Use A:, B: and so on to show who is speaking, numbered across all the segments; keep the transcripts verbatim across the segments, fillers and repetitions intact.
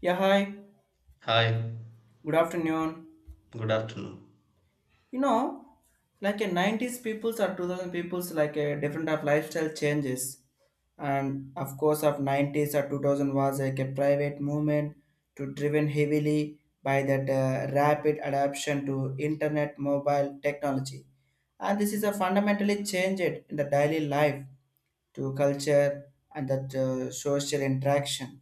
A: Yeah, hi.
B: Hi,
A: Good afternoon.
B: good afternoon.
A: You know, like a nineties peoples or two thousand peoples, like a different of lifestyle changes. And of course, of nineties or twenty hundred was like a private movement to driven heavily by that uh, rapid adoption to internet mobile technology. And this is a fundamentally changed in the daily life to culture and that uh, social interaction.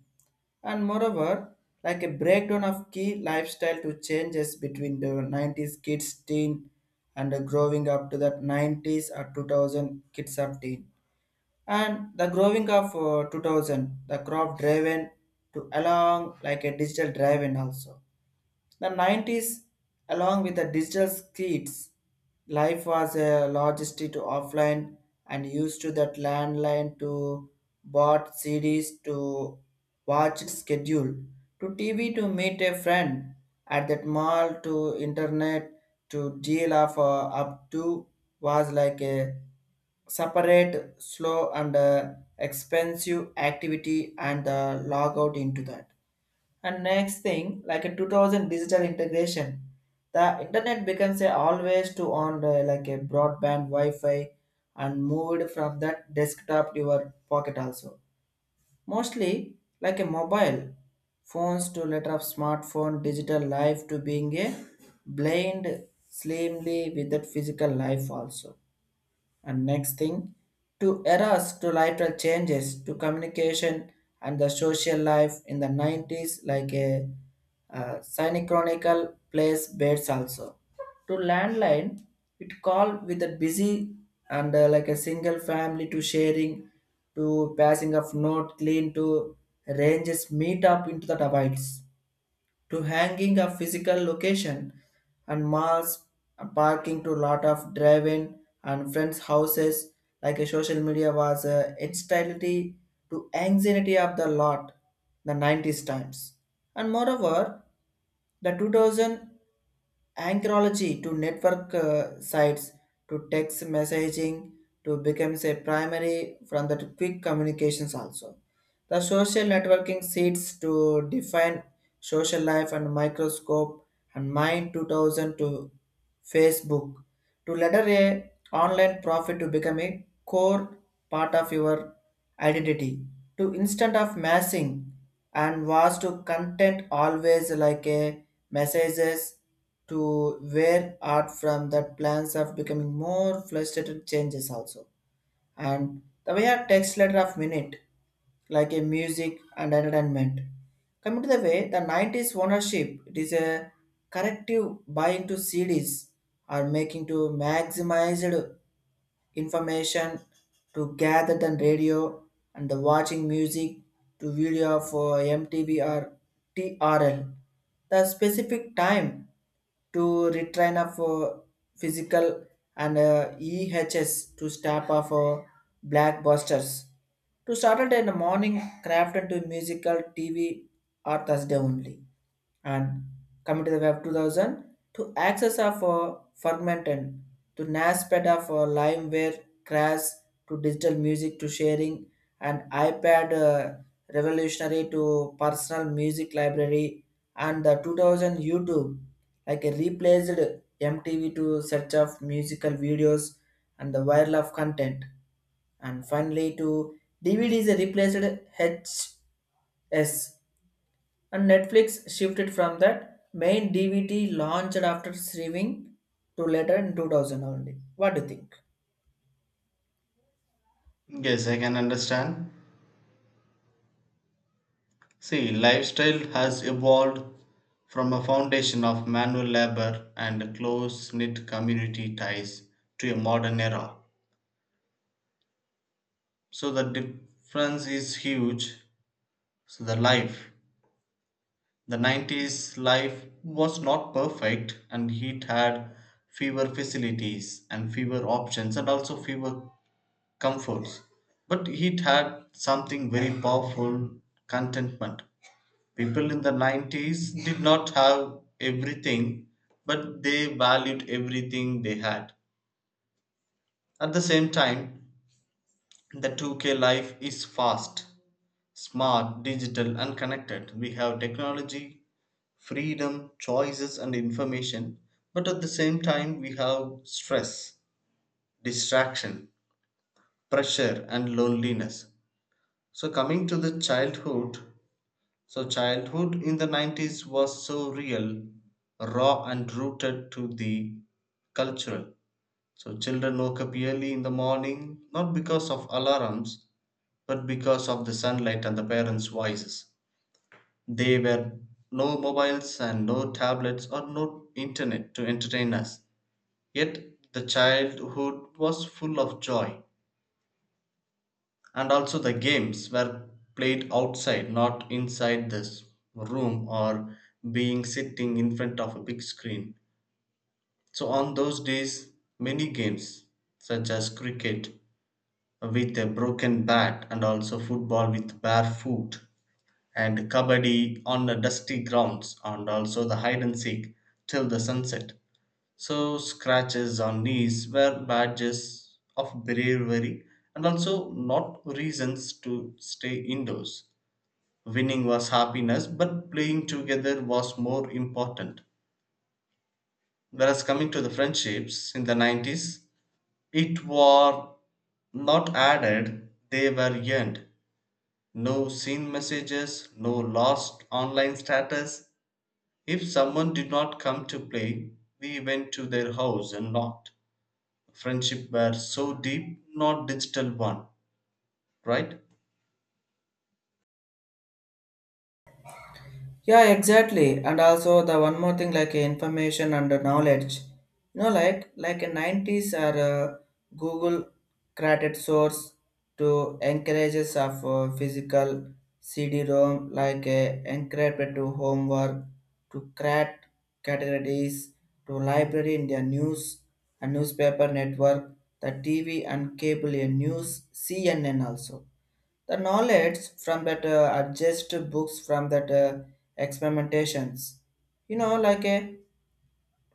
A: And moreover, like a breakdown of key lifestyle to changes between the nineties kids teen and the growing up to that nineties or two thousand kids of teen, and the growing of uh, two thousand, the crop driven to along like a digital driven also. The nineties, along with the digital skids, life was a logistic to offline and used to that landline to bought C Ds to watch its schedule to T V to meet a friend at that mall to internet to deal of uh, up to, was like a separate slow and uh, expensive activity and the log out into that. And next thing, like a two thousand digital integration, the internet becomes a always to on uh, like a broadband Wi-Fi and moved from that desktop to your pocket also. Mostly like a mobile phones to letter of smartphone, digital life to being a blind slimly with that physical life also. And next thing, to eras to lateral changes to communication and the social life in the nineties, like a uh, synchronical place beds also. To landline, it called with a busy and uh, like a single family to sharing to passing of note clean to ranges meet up into the divides to hanging a physical location and malls, a parking to lot of drive-in and friends houses. Like a social media was a instability to anxiety of the lot the nineties times. And moreover the two thousand anchorology to network uh, sites to text messaging to becomes a primary from the quick communications also. The social networking seeks to define social life and microscope, and mind two thousand to Facebook to letter a online profit to become a core part of your identity to instant of massing, and was to content always like a messages to where art from that plans of becoming more frustrated changes also. And the way a text letter of minute, like a music and entertainment. Coming to the way, the nineties ownership, it is a corrective buying to C Ds or making to maximized information to gather than radio and the watching music to video for M T V or T R L. The specific time to retrain of uh, physical and uh, E H S to stop off uh, blackbusters. To Saturday in the morning, craft into musical T V or Thursday only. And coming to the web two thousand to access of uh, fragmented to NASPED of uh, LimeWare crash to digital music to sharing, and iPad uh, revolutionary to personal music library. And the two thousand YouTube, like a replaced M T V to search of musical videos and the viral of content. And finally to D V D is replaced H S, and Netflix shifted from that main D V D launched after streaming to later in two thousand only. What do you think?
B: Yes, I can understand. See, lifestyle has evolved from a foundation of manual labor and close knit community ties to a modern era. So the difference is huge. So the life, the nineties life was not perfect, and it had fewer facilities and fewer options and also fewer comforts. But it had something very powerful: contentment. People in the nineties did not have everything, but they valued everything they had. At the same time, the two K life is fast, smart, digital, and connected. We have technology, freedom, choices, and information, but at the same time, we have stress, distraction, pressure, and loneliness. So, coming to the childhood, So, childhood in the nineties was so real, raw, and rooted to the cultural. So, children woke up early in the morning, not because of alarms, but because of the sunlight and the parents' voices. They were no mobiles and no tablets or no internet to entertain us. Yet, the childhood was full of joy, and also the games were played outside, not inside this room or being sitting in front of a big screen. So on those days, many games such as cricket with a broken bat, and also football with bare foot, and kabaddi on the dusty grounds, and also the hide and seek till the sunset. So scratches on knees were badges of bravery and also not reasons to stay indoors. Winning was happiness, but playing together was more important. Whereas coming to the friendships in the nineties, it were not added, they were earned. No seen messages, no lost online status. If someone did not come to play, we went to their house and knocked. Friendship were so deep, not digital one, right?
A: Yeah, exactly. And also the one more thing, like uh, information and uh, knowledge. You know, like like in nineties are uh, Google created source to encourages of uh, physical C D-ROM, like uh, encrypted to homework to create categories to library in their news and newspaper network, the T V and cable uh, news C N N also. The knowledge from that uh, adjust books from that uh, experimentations. You know, like a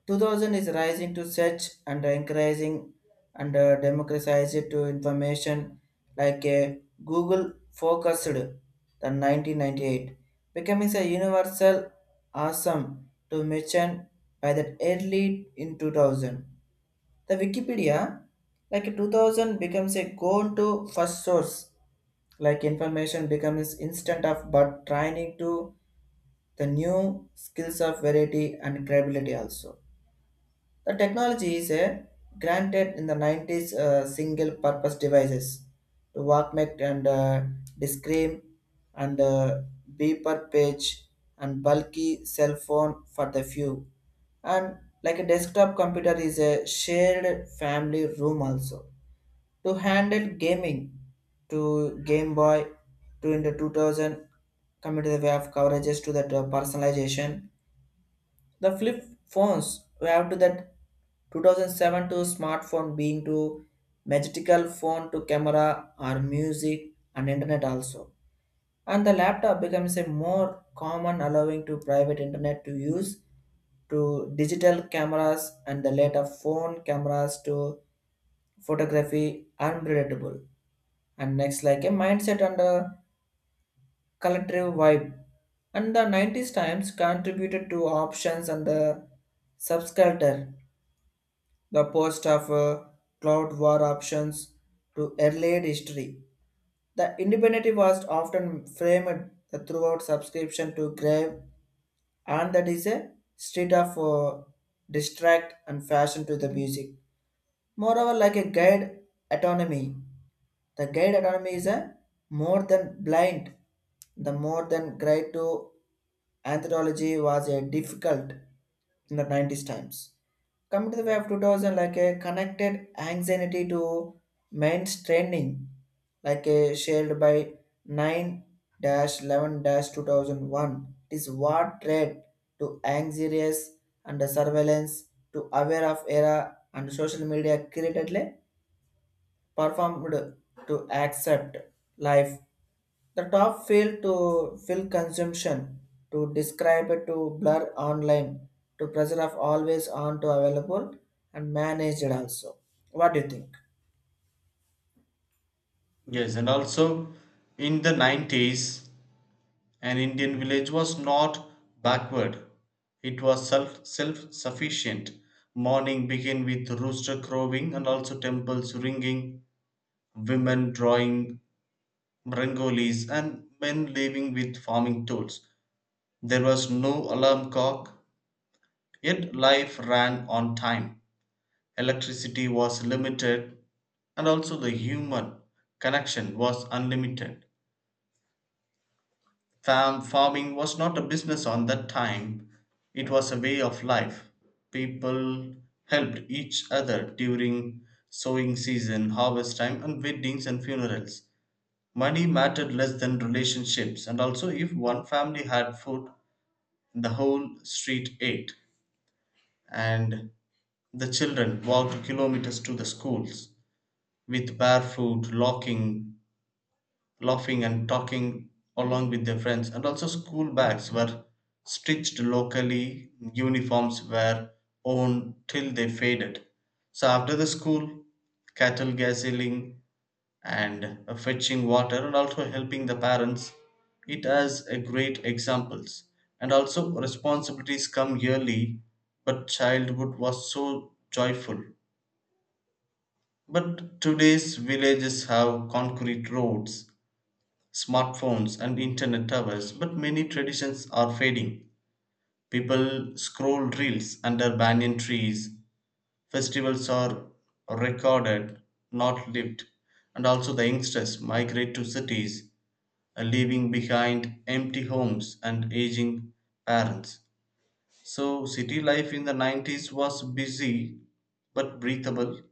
A: two thousand is rising to search and increasing and uh, democratize it to information. Like a Google focused the nineteen ninety-eight becoming a universal awesome to mention by that early in two thousand. The Wikipedia, like two thousand, becomes a go-to first source. Like information becomes instant of but training to the new skills of variety and credibility also. The technology is a granted in the nineties uh, single purpose devices to Walkman and uh, Discream and uh, beeper page and bulky cell phone for the few, and like a desktop computer is a shared family room also to handle gaming to game boy to in the two thousand. Coming to the way of coverages to that uh, personalization, the flip phones we have to that two thousand seven to smartphone being to magical phone to camera or music and internet also. And the laptop becomes a more common allowing to private internet to use to digital cameras and the later phone cameras to photography unpredictable. And next, like a mindset and a collective vibe, and the nineties times contributed to options and the subsculture, the post of uh, cloud war options to earlier history. The independent was often framed throughout subscription to grave, and that is a state of uh, distract and fashion to the music. Moreover, like a guide autonomy, the guide autonomy is a more than blind, the more than guide to anthropology was a difficult in the nineties times. Coming to the way of two thousand, like a connected anxiety to main training, like a shared by nine eleven-two thousand one, it is war trade to anxious and surveillance to aware of era, and social media createdly performed to accept life, the top field to fill consumption to describe it to blur online to pressure of always on to available and managed also. What do you think?
B: Yes, and also in the nineties, an Indian village was not backward. It was self self sufficient. Morning began with rooster crowing and also temples ringing, women drawing rangolis, and men living with farming tools. There was no alarm clock, yet life ran on time. Electricity was limited, and also the human connection was unlimited. Farm farming was not a business on that time, it was a way of life. People helped each other during sowing season, harvest time, and weddings and funerals. Money mattered less than relationships, and also, if one family had food, the whole street ate, and the children walked kilometers to the schools with barefoot, locking, laughing and talking along with their friends. And also school bags were stitched locally, uniforms were owned till they faded. So after the school, cattle gassing and uh, fetching water and also helping the parents, it has a great examples. And also responsibilities come yearly, but childhood was so joyful, but today's villages have concrete roads, smartphones, and internet towers, but many traditions are fading. People scroll reels under banyan trees, festivals are recorded, not lived, and also the youngsters migrate to cities, uh, leaving behind empty homes and aging parents. So, city life in the nineties was busy but breathable.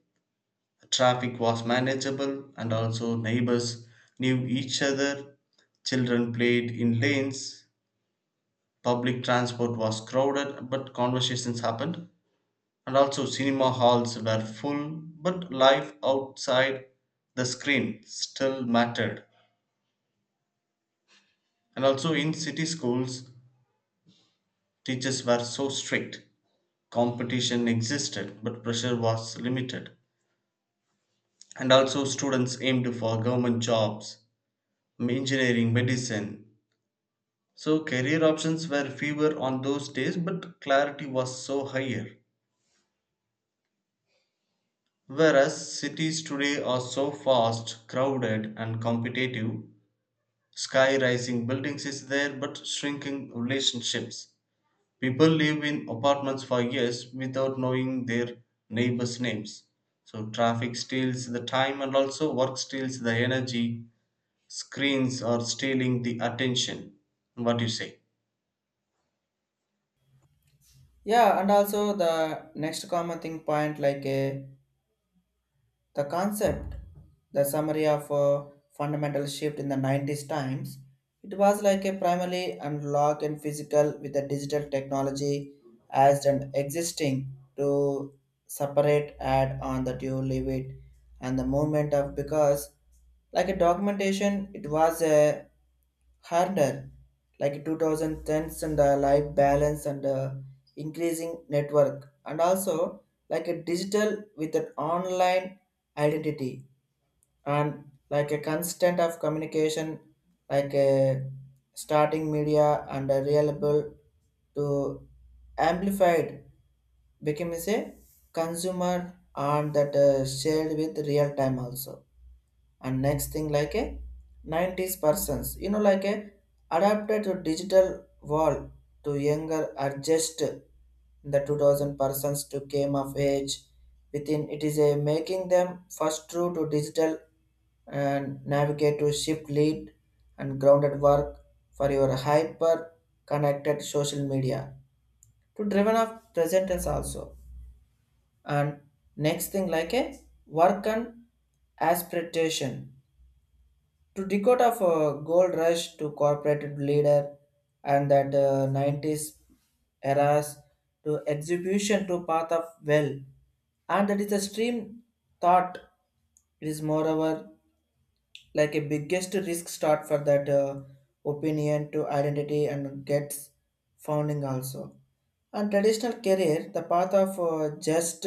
B: Traffic was manageable, and also neighbors knew each other. Children played in lanes. Public transport was crowded, but conversations happened. And also, cinema halls were full, but life outside the screen still mattered. And also, in city schools, teachers were so strict. Competition existed, but pressure was limited. And also, students aimed for government jobs, engineering, medicine. So career options were fewer on those days, but clarity was so higher. Whereas cities today are so fast, crowded, and competitive, sky rising buildings is there but shrinking relationships. People live in apartments for years without knowing their neighbors' names. So traffic steals the time and also work steals the energy. Screens are stealing the attention. What do you say?
A: Yeah, and also the next common thing point, like a, the concept, the summary of a fundamental shift in the nineties times, it was like a primarily analog and physical with the digital technology as an existing to separate add on that you leave it, and the movement of because like a documentation it was a harder, like two thousand tens and the life balance and uh, increasing network, and also like a digital with an online identity, and like a constant of communication, like a starting media and a reliable to amplified became as a consumer and that uh, shared with real time also. And next thing, like a nineties persons, you know like a adapted to digital world to younger adjust, the two thousand persons to came of age within it, is a making them first true to digital and navigate to shift lead and grounded work for your hyper connected social media to driven of presenters also. And next thing, like a work and aspiration to decode of uh, gold rush to corporate leader, and that uh, nineties eras to execution to path of well, and that is a stream thought. It is moreover like a biggest risk start for that uh, opinion to identity and gets founding also. And traditional career, the path of uh, just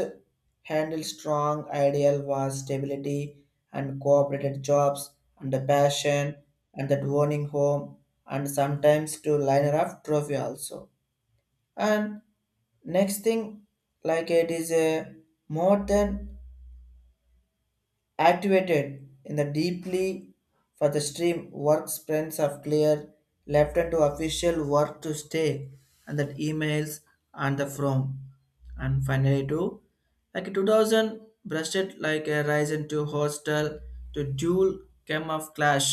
A: handle strong ideal was stability and cooperated jobs and the passion and that owning home and sometimes to liner up trophy also. And next thing, like it is a more than activated in the deeply for the stream work sprints of clear left, and to official work to stay and that emails and the from. And finally to like two thousand brushed, like a rise into hostel to dual came of clash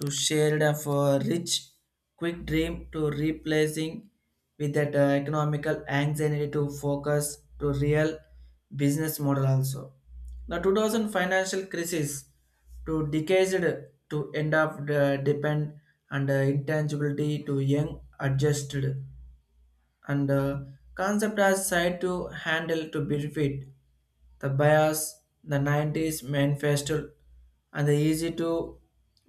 A: to shared of a rich quick dream to replacing with that uh, economical anxiety to focus to real business model also. The two thousand financial crisis to decades to end of the depend and uh, intangibility to young adjusted, and uh, concept has tried to handle to benefit the bias, the nineties manifesto, and the easy to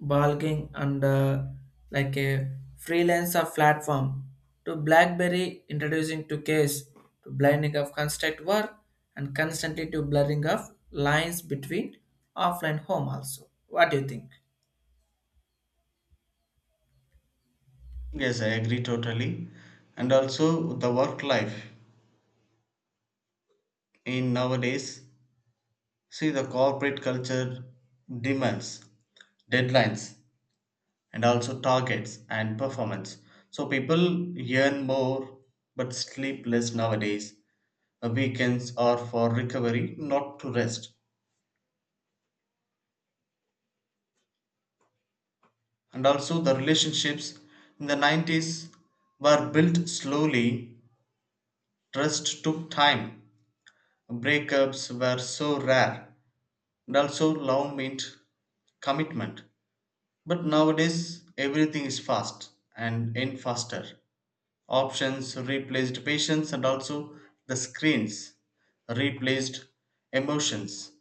A: bulking and uh, like a freelancer platform to BlackBerry introducing to case to blending of construct work and constantly to blurring of lines between offline home also. What do you think?
B: Yes, I agree totally. And also the work life in nowadays, see, the corporate culture demands deadlines and also targets and performance. So people earn more but sleep less nowadays. The weekends are for recovery, not to rest. And also the relationships in the nineties were built slowly. Trust took time. Breakups were so rare and also love meant commitment. But nowadays, everything is fast and in faster. Options replaced patience, and also the screens replaced emotions,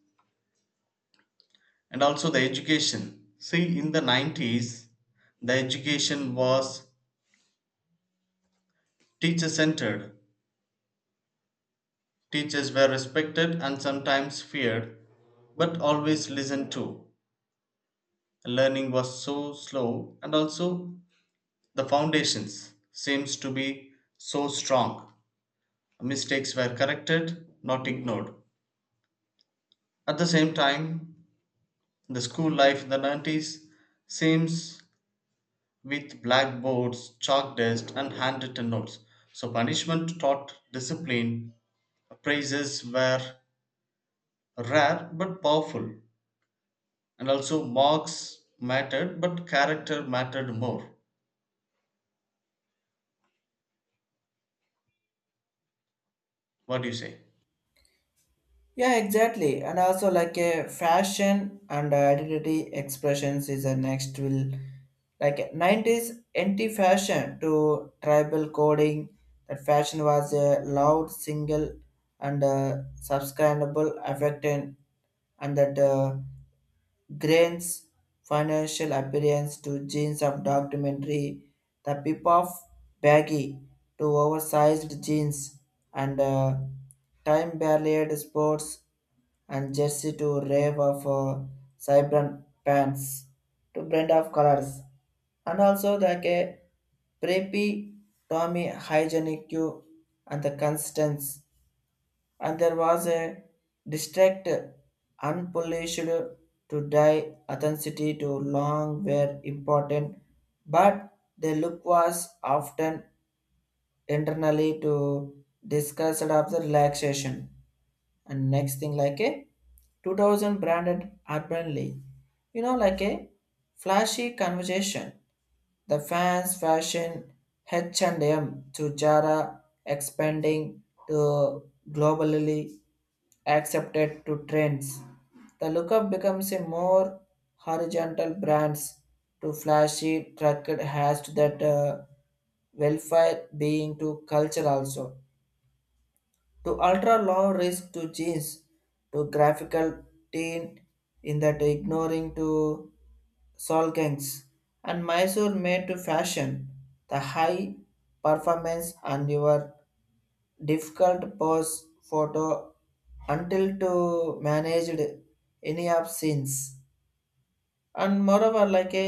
B: and also the education. See, in the nineties, the education was teacher centered. Teachers were respected and sometimes feared, but always listened to. Learning was so slow, and also the foundations seems to be so strong. Mistakes were corrected, not ignored. At the same time, the school life in the nineties seems with blackboards, chalk dust, and handwritten notes. So punishment taught discipline. Praises were rare but powerful. And also marks mattered, but character mattered more. What do you say?
A: Yeah, exactly. And also like a fashion and identity expressions is a next will like nineties anti fashion to tribal coding, that fashion was a loud single and uh, subscribable affected and that uh, grains financial appearance to jeans of documentary, the pip of baggy to oversized jeans, and uh, time barrier sports and jersey to rave of uh, vibrant pants to blend of colors. And also the a preppy Tommy hygienic you and the constants, and there was a district unpolished to die authenticity to long were important, but the look was often internally to discussed of the relaxation. And next thing like a two thousand branded urban league, you know, like a flashy conversation, the fans fashion H&M to jara expanding to globally accepted to trends. The lookup becomes a more horizontal brands to flashy trucked has to that uh, welfare being to culture also, to ultra low risk to change to graphical tint in that ignoring to solgangs and Mysore made to fashion. The high performance and your difficult pose photo until to managed any of scenes. And moreover like a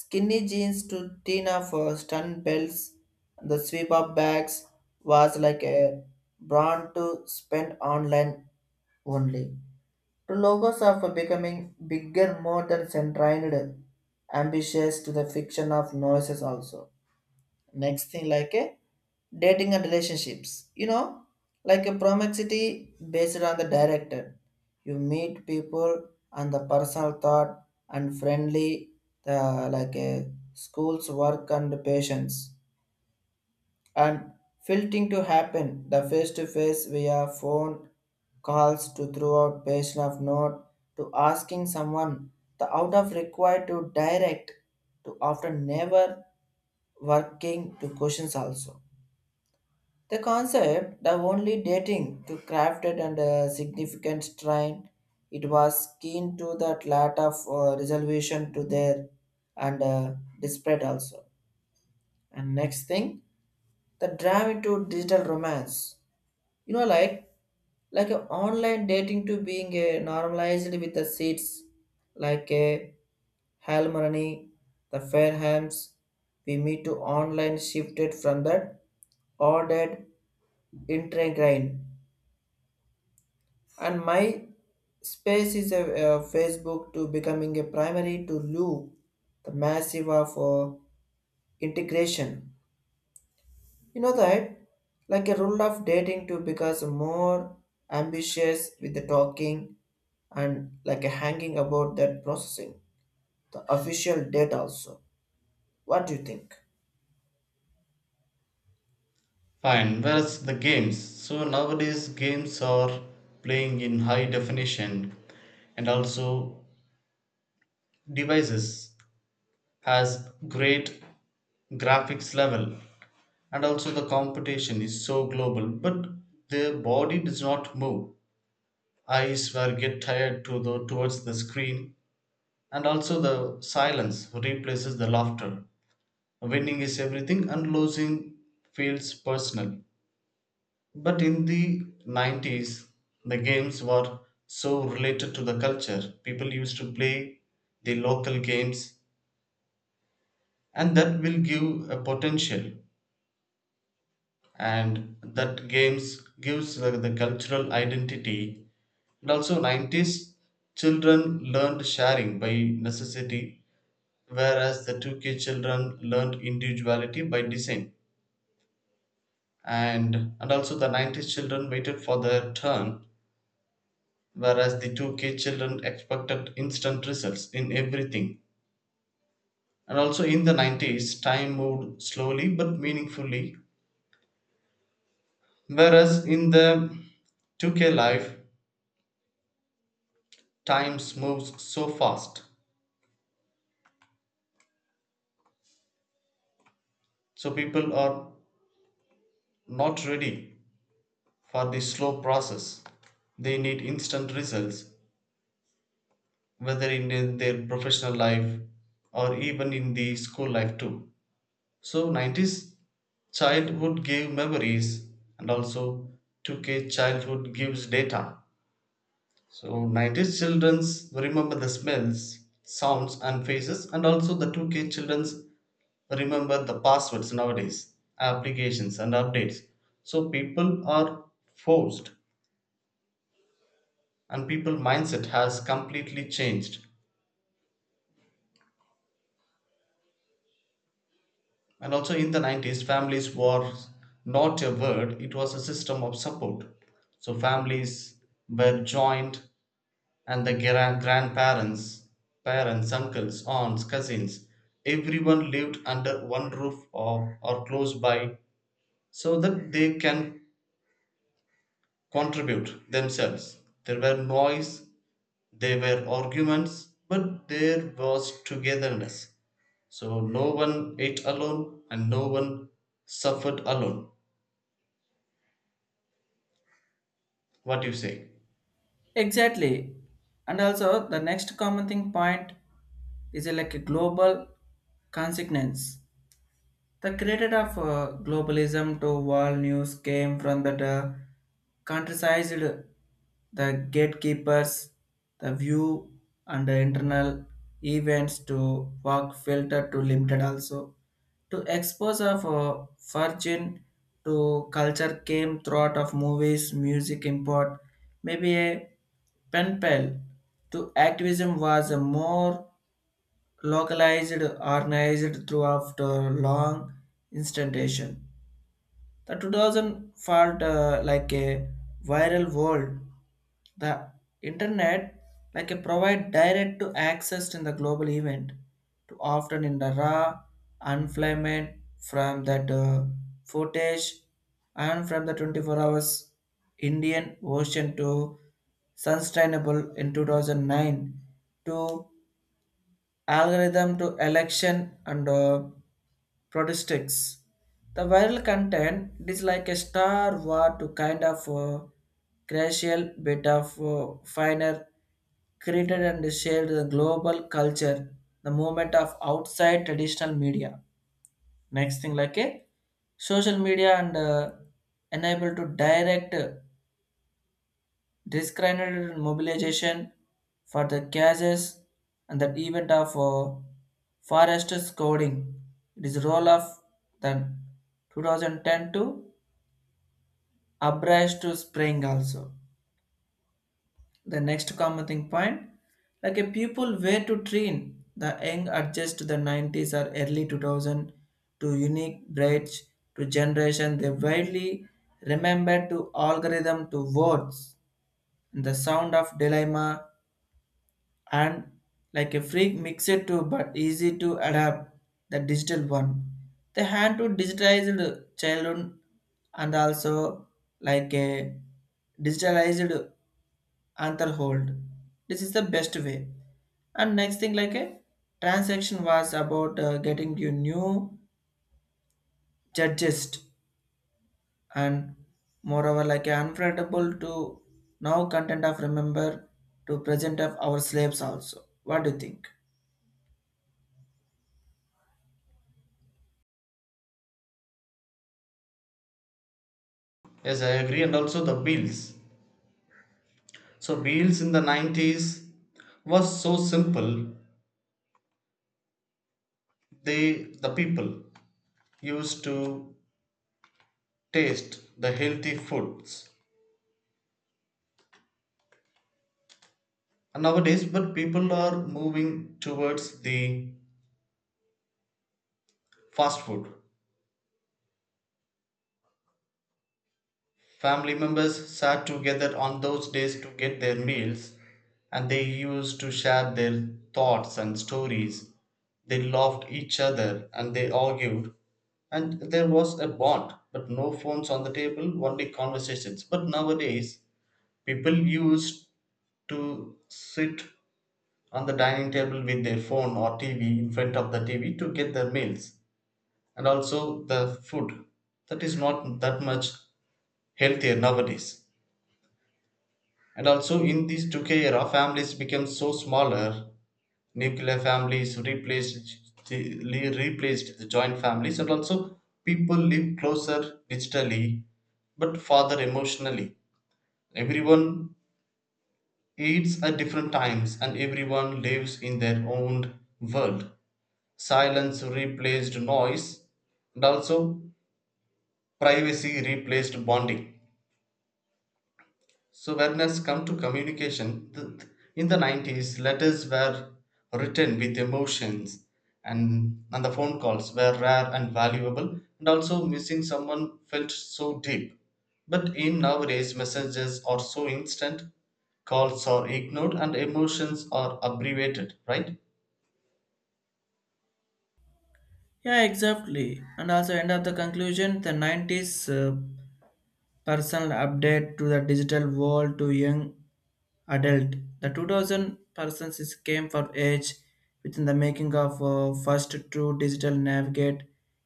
A: skinny jeans to thin of uh, stun belts, the sweep up bags was like a brand to spend online only. The logos of becoming bigger more than centered ambitious to the fiction of noises also. Next thing like a dating and relationships, you know, like a promiscuity based on the director, you meet people and the personal thought and friendly, the like a school's work and patience, and filtering to happen the face-to-face via phone calls to throughout patient of note to asking someone, the out of required to direct to after never working to questions also. The concept the only dating to crafted and a significant strain, it was keen to that lot of uh, resolution to there and uh, disparate also. And next thing the drive to digital romance, you know, like like a online dating to being a normalized with the seats, like a halmarani the fairhams, we meet to online shifted from that ordered intergrain. And my space is a, a Facebook to becoming a primary to loo, the massive of uh, integration. You know that? Like a rule of dating to because more ambitious with the talking and like a hanging about that processing. The official date also. What do you think?
B: Fine. Whereas the games? So nowadays games are playing in high definition, and also devices has great graphics level, and also the competition is so global, but the body does not move, eyes were get tired to the towards the screen, and also the silence replaces the laughter. Winning is everything and losing feels personal. But in the nineties, the games were so related to the culture. People used to play the local games, and that will give a potential. And that games gives the, the cultural identity. And also, nineties children learned sharing by necessity, whereas the two K children learned individuality by design. And and also, the nineties children waited for their turn, whereas the two K children expected instant results in everything. And also in the nineties, time moved slowly but meaningfully, whereas in the two K life, time moves so fast. So people are not ready for the slow process. They need instant results, whether in their professional life or even in the school life too. So nineties childhood gave memories, and also two K childhood gives data. So nineties children's remember the smells, sounds and faces, and also the two K children's remember the passwords nowadays, applications and updates. So people are forced and people mindset has completely changed. And also in the nineties, families were not a word, it was a system of support. So families were joined, and the gra- grandparents, parents, uncles, aunts, cousins, everyone lived under one roof or, or close by so that they can contribute themselves. There were noise, there were arguments, but there was togetherness. So no one ate alone and no one suffered alone. What do you say?
A: Exactly. And also, the next common thing point is uh, like a global consequence. The creator of uh, globalism to world news came from that. uh, Contrasted, the gatekeepers, the view and the internal events to work filter to limited also. To expose of a virgin to culture came throughout of movies, music import, maybe a pen pal to activism was a more localized, organized throughout a long instantation. The two thousand felt uh, like a viral world. The internet like a provide direct to access to the global event to often in the raw unflamed from that uh, footage, and from the twenty-four hours Indian Ocean to sustainable in two thousand nine to algorithm to election and uh, Protistics. The viral content it is like a star war to kind of a crucial bit of uh, finer created and shared the global culture, the movement of outside traditional media. Next thing like a social media and uh, enable to direct disgruntled mobilization for the causes and the event of uh, Forrester's coding. It is role of then twenty ten to abridged to spring also. The next common thing point, like a pupil way to train the young adjust to the nineties or early two thousand to unique bridge to generation, they widely remember to algorithm to words, the sound of dilemma and like a freak mixed to but easy to adapt the digital one. They had to digitized childhood and also like a digitalized anther, this is the best way. And next thing like a transaction was about uh, getting you new judges, and moreover like unforgettable to now content of remember to present of our slaves also. What do you think?
B: Yes, I agree, and also the bills. So bills in the nineties was so simple. They the people used to taste the healthy foods. And nowadays, but people are moving towards the fast food. Family members sat together on those days to get their meals, and they used to share their thoughts and stories. They loved each other and they argued, and there was a bond, but no phones on the table, only conversations. But nowadays, people used to sit on the dining table with their phone or T V in front of the T V to get their meals, and also the food that is not that much healthier nowadays. And also in this two K era, families became so smaller. Nuclear families replaced the, le- replaced the joint families, and also people live closer digitally, but farther emotionally. Everyone eats at different times, and everyone lives in their own world. Silence replaced noise, and also privacy replaced bonding. So when has come to communication, th- in the nineties, letters were written with emotions, and, and the phone calls were rare and valuable and also missing someone felt so deep. But in nowadays, messages are so instant, calls are ignored and emotions are abbreviated, right?
A: Yeah, exactly. And also, end of the conclusion, the nineties uh, personal update to the digital world to young adult. The two thousand persons is came for age within the making of uh, first true digital navigate.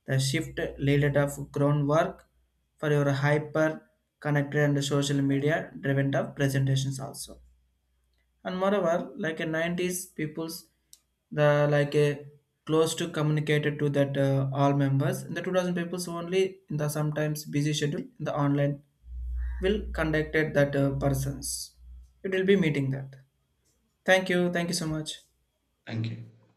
A: The shift laid of groundwork for your hyper connected and social media driven of presentations also. And moreover like a nineties people's the like a close to communicated to that uh, all members in the two thousand people's only in the sometimes busy schedule in the online will contacted that uh, persons, it will be meeting that. Thank you, thank you so much.
B: Thank you.